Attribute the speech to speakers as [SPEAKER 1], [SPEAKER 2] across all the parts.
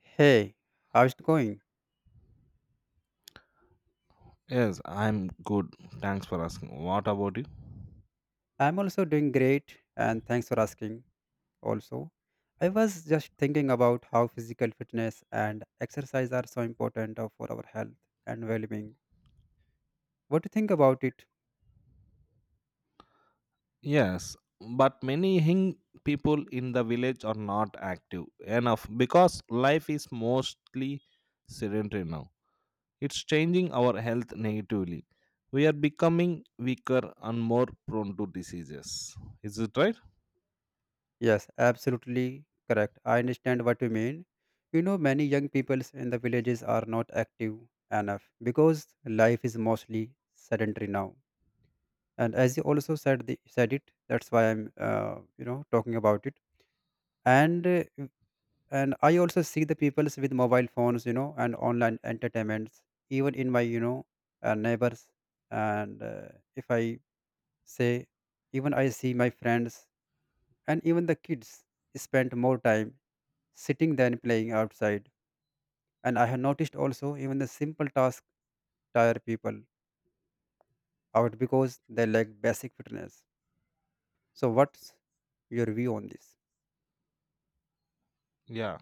[SPEAKER 1] Hey, how's it going?
[SPEAKER 2] Yes, I'm good. Thanks for asking. What about you?
[SPEAKER 1] I'm also doing great, and thanks for asking. Also, I was just thinking about how physical fitness and exercise are so important for our health and well being. What do you think about it?
[SPEAKER 2] Yes, but many young people in the village are not active enough because life is mostly sedentary now. It's changing our health negatively. We are becoming weaker and more prone to diseases. Is it right?
[SPEAKER 1] Yes, absolutely correct. I understand what you mean. You know, many young people in the villages are not active enough because life is mostly sedentary now. And as you also said, said it, that's why I'm talking about it, and uh, and I also see the peoples with mobile phones and online entertainments, even in my neighbors. And if I say, even I see my friends and even the kids spend more time sitting than playing outside. And I have noticed also, even the simple task tire people out because they lack basic fitness. So what's your view on this?
[SPEAKER 2] Yeah.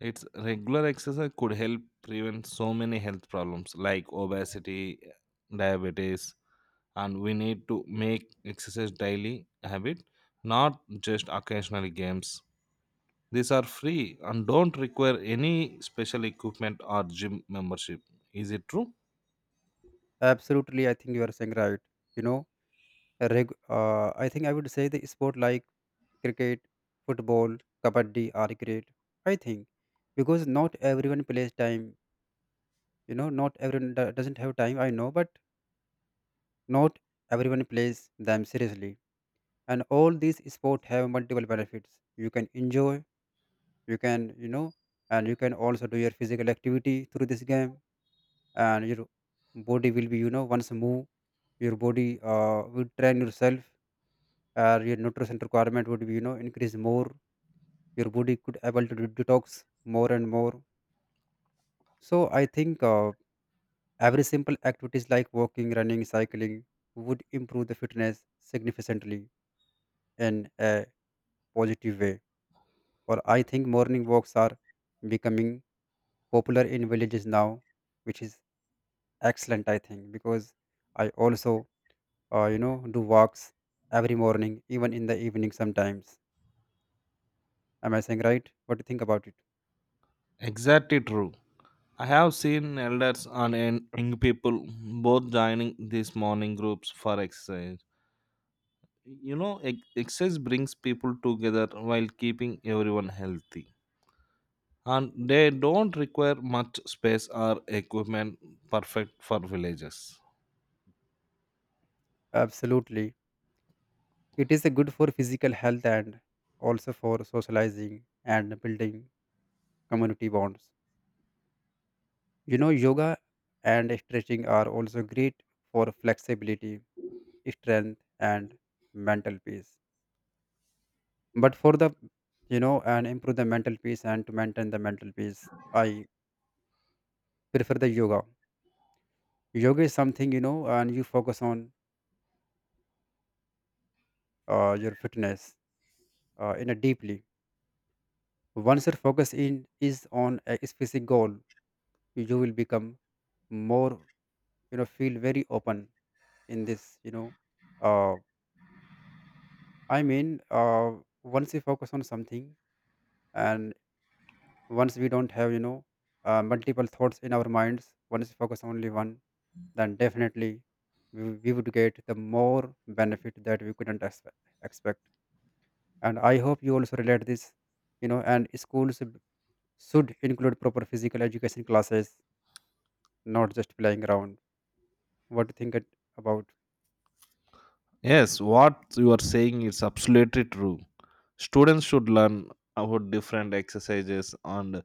[SPEAKER 2] Its regular exercise could help prevent so many health problems like obesity, diabetes, and we need to make exercise daily habit, not just occasional games. These are free and don't require any special equipment or gym membership. Is it true?
[SPEAKER 1] Absolutely, I think you are saying right. you know I think I would say the sport like cricket, football, kabaddi are great. I think because not everyone plays time. You know, not everyone doesn't have time. I know, but not everyone plays them seriously. And all these sports have multiple benefits. You can enjoy. You can, and you can also do your physical activity through this game. And your body will be, once move, your body will train yourself. Your nutrition requirement would be, increase more. Your body could able to detox more and more. So I think, every simple activities like walking, running, cycling would improve the fitness significantly in a positive way. Or I think morning walks are becoming popular in villages now, which is excellent. I think because I also, do walks every morning, even in the evening sometimes. Am I saying right? What do you think about it?
[SPEAKER 2] Exactly true. I have seen elders and young people both joining these morning groups for exercise, you know, exercise brings people together while keeping everyone healthy, and they don't require much space or equipment, perfect for villages.
[SPEAKER 1] Absolutely, it is a good for physical health and also for socializing and building community bonds. You know, yoga and stretching are also great for flexibility, strength, and mental peace. But for the, and improve the mental peace and to maintain the mental peace, I prefer the yoga. Yoga is something, and you focus on your fitness in a deeply. Once your focus in is on a specific goal, you will become more, feel very open in this, uh, I mean, once you focus on something, and once we don't have, multiple thoughts in our minds, once we focus only one, then definitely we would get the more benefit that we couldn't expect. And I hope you also relate this. And schools should include proper physical education classes, not just playing around. What do you about?
[SPEAKER 2] Yes, what you are saying is absolutely true. Students should learn about different exercises and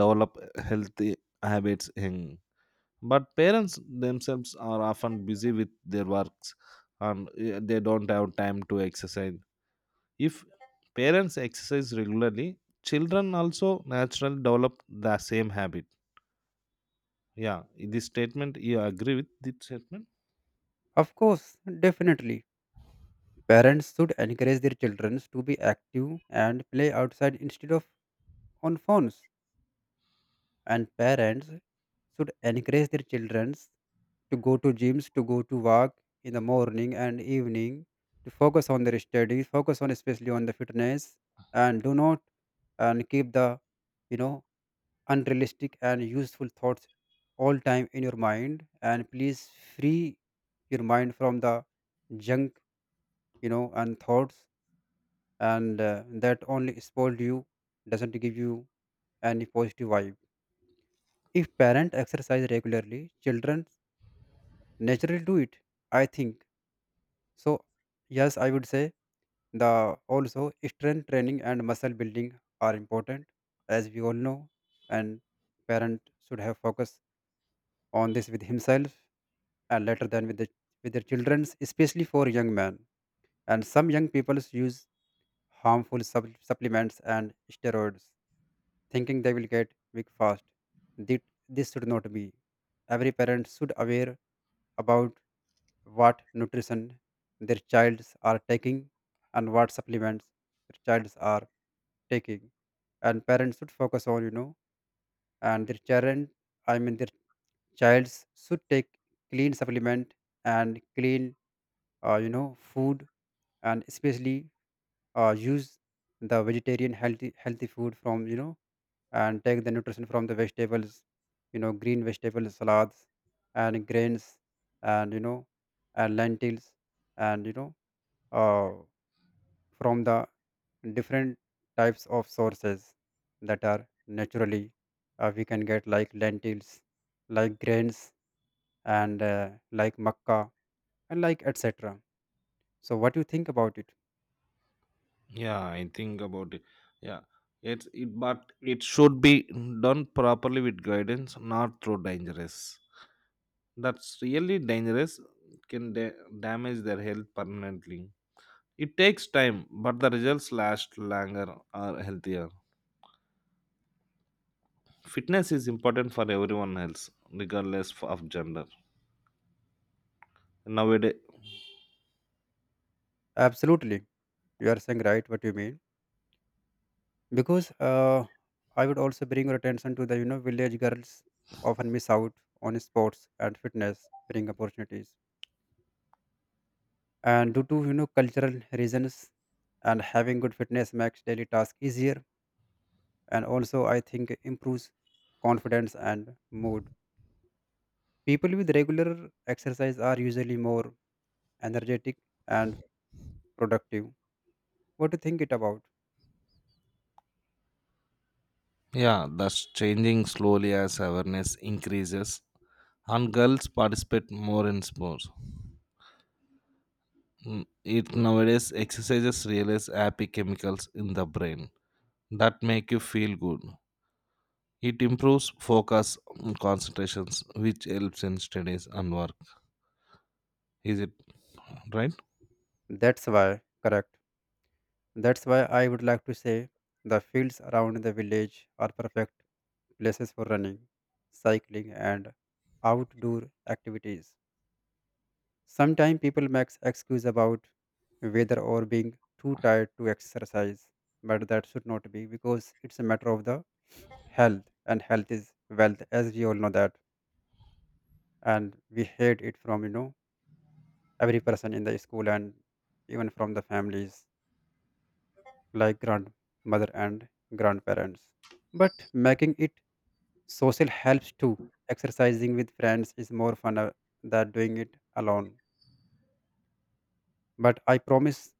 [SPEAKER 2] develop healthy habits in, but parents themselves are often busy with their works, and they don't have time to exercise. If parents exercise regularly, children also naturally develop the same habit. Yeah, this statement, you agree with this statement?
[SPEAKER 1] Of course, definitely parents should encourage their children to be active and play outside instead of on phones. And parents should encourage their children to go to gyms, to go to walk in the morning and evening, to focus on their studies, focus on especially on the fitness, and do not, and keep the, you know unrealistic and useful thoughts all time in your mind. And please free your mind from the junk, and thoughts, and that only spoil you, doesn't give you any positive vibe. If parents exercise regularly, children naturally do it. I think so. Yes, I would say the also strength training and muscle building are important, as we all know, and parent should have focus on this with himself, and later than with their children, especially for young men. And some young people use harmful supplements and steroids, thinking they will get big fast. Thi- This should not be. Every parent should aware about what nutrition their childs are taking, and what supplements their childs are taking. And parents should focus on, and their children, I mean, their childs should take clean supplement and clean, food. And especially, use the vegetarian healthy food from, and take the nutrition from the vegetables, you know, green vegetables, salads, and grains, and, and lentils, and, uh, from the different types of sources that are naturally, we can get, like lentils, like grains, and, like makkah, and like etc. So what do you think about it?
[SPEAKER 2] Yeah, I think about it. Yeah, it's it, but it should be done properly with guidance, not through dangerous. That's really dangerous. Can damage their health permanently. It takes time, but the results last longer or healthier. Fitness is important for everyone else, regardless of gender nowadays.
[SPEAKER 1] Absolutely, you are saying right, what you mean. Because, I would also bring your attention to the, village girls often miss out on sports and fitness bring opportunities, and due to, cultural reasons. And having good fitness makes daily task easier, and also I think improves confidence and mood. People with regular exercise are usually more energetic and productive. What do you think it about?
[SPEAKER 2] Yeah, that's changing slowly as awareness increases and girls participate more in sports. Mm, it nowadays exercises release happy chemicals in the brain that make you feel good. It improves focus and concentrations, which helps in studies and work. Is it right?
[SPEAKER 1] That's why correct. That's why I would like to say the fields around the village are perfect places for running, cycling, and outdoor activities. Sometimes people make excuse about weather or being too tired to exercise, but that should not be, because it's a matter of the health, and health is wealth, as we all know that. And we heard it from, every person in the school, and even from the families, like grandmother and grandparents. But making it social helps too. Exercising with friends is more fun, than doing it alone. But I promise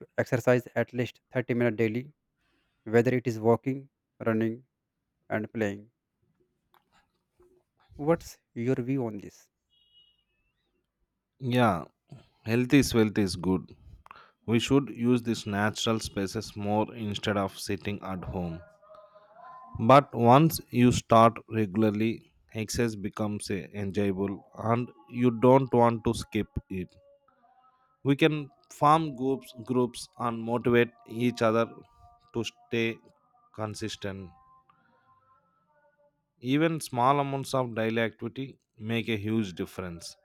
[SPEAKER 1] to exercise at least 30 minutes daily, whether it is walking, running, and playing. What's your view on this?
[SPEAKER 2] Yeah, health is wealth is good. We should use these natural spaces more instead of sitting at home. But once you start regularly, exercise becomes enjoyable, and you don't want to skip it. We can form groups and motivate each other to stay consistent. Even small amounts of daily activity make a huge difference.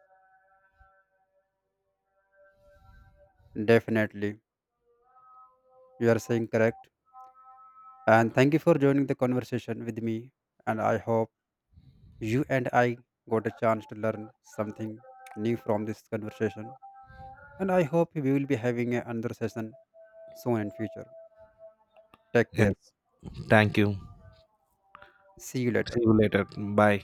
[SPEAKER 1] Definitely, you are saying correct. And thank you for joining the conversation with me. And I hope you and I got a chance to learn something new from this conversation. And I hope we will be having another session soon in future. Take care.
[SPEAKER 2] Yes. Thank you.
[SPEAKER 1] See you later.
[SPEAKER 2] See you later. Bye.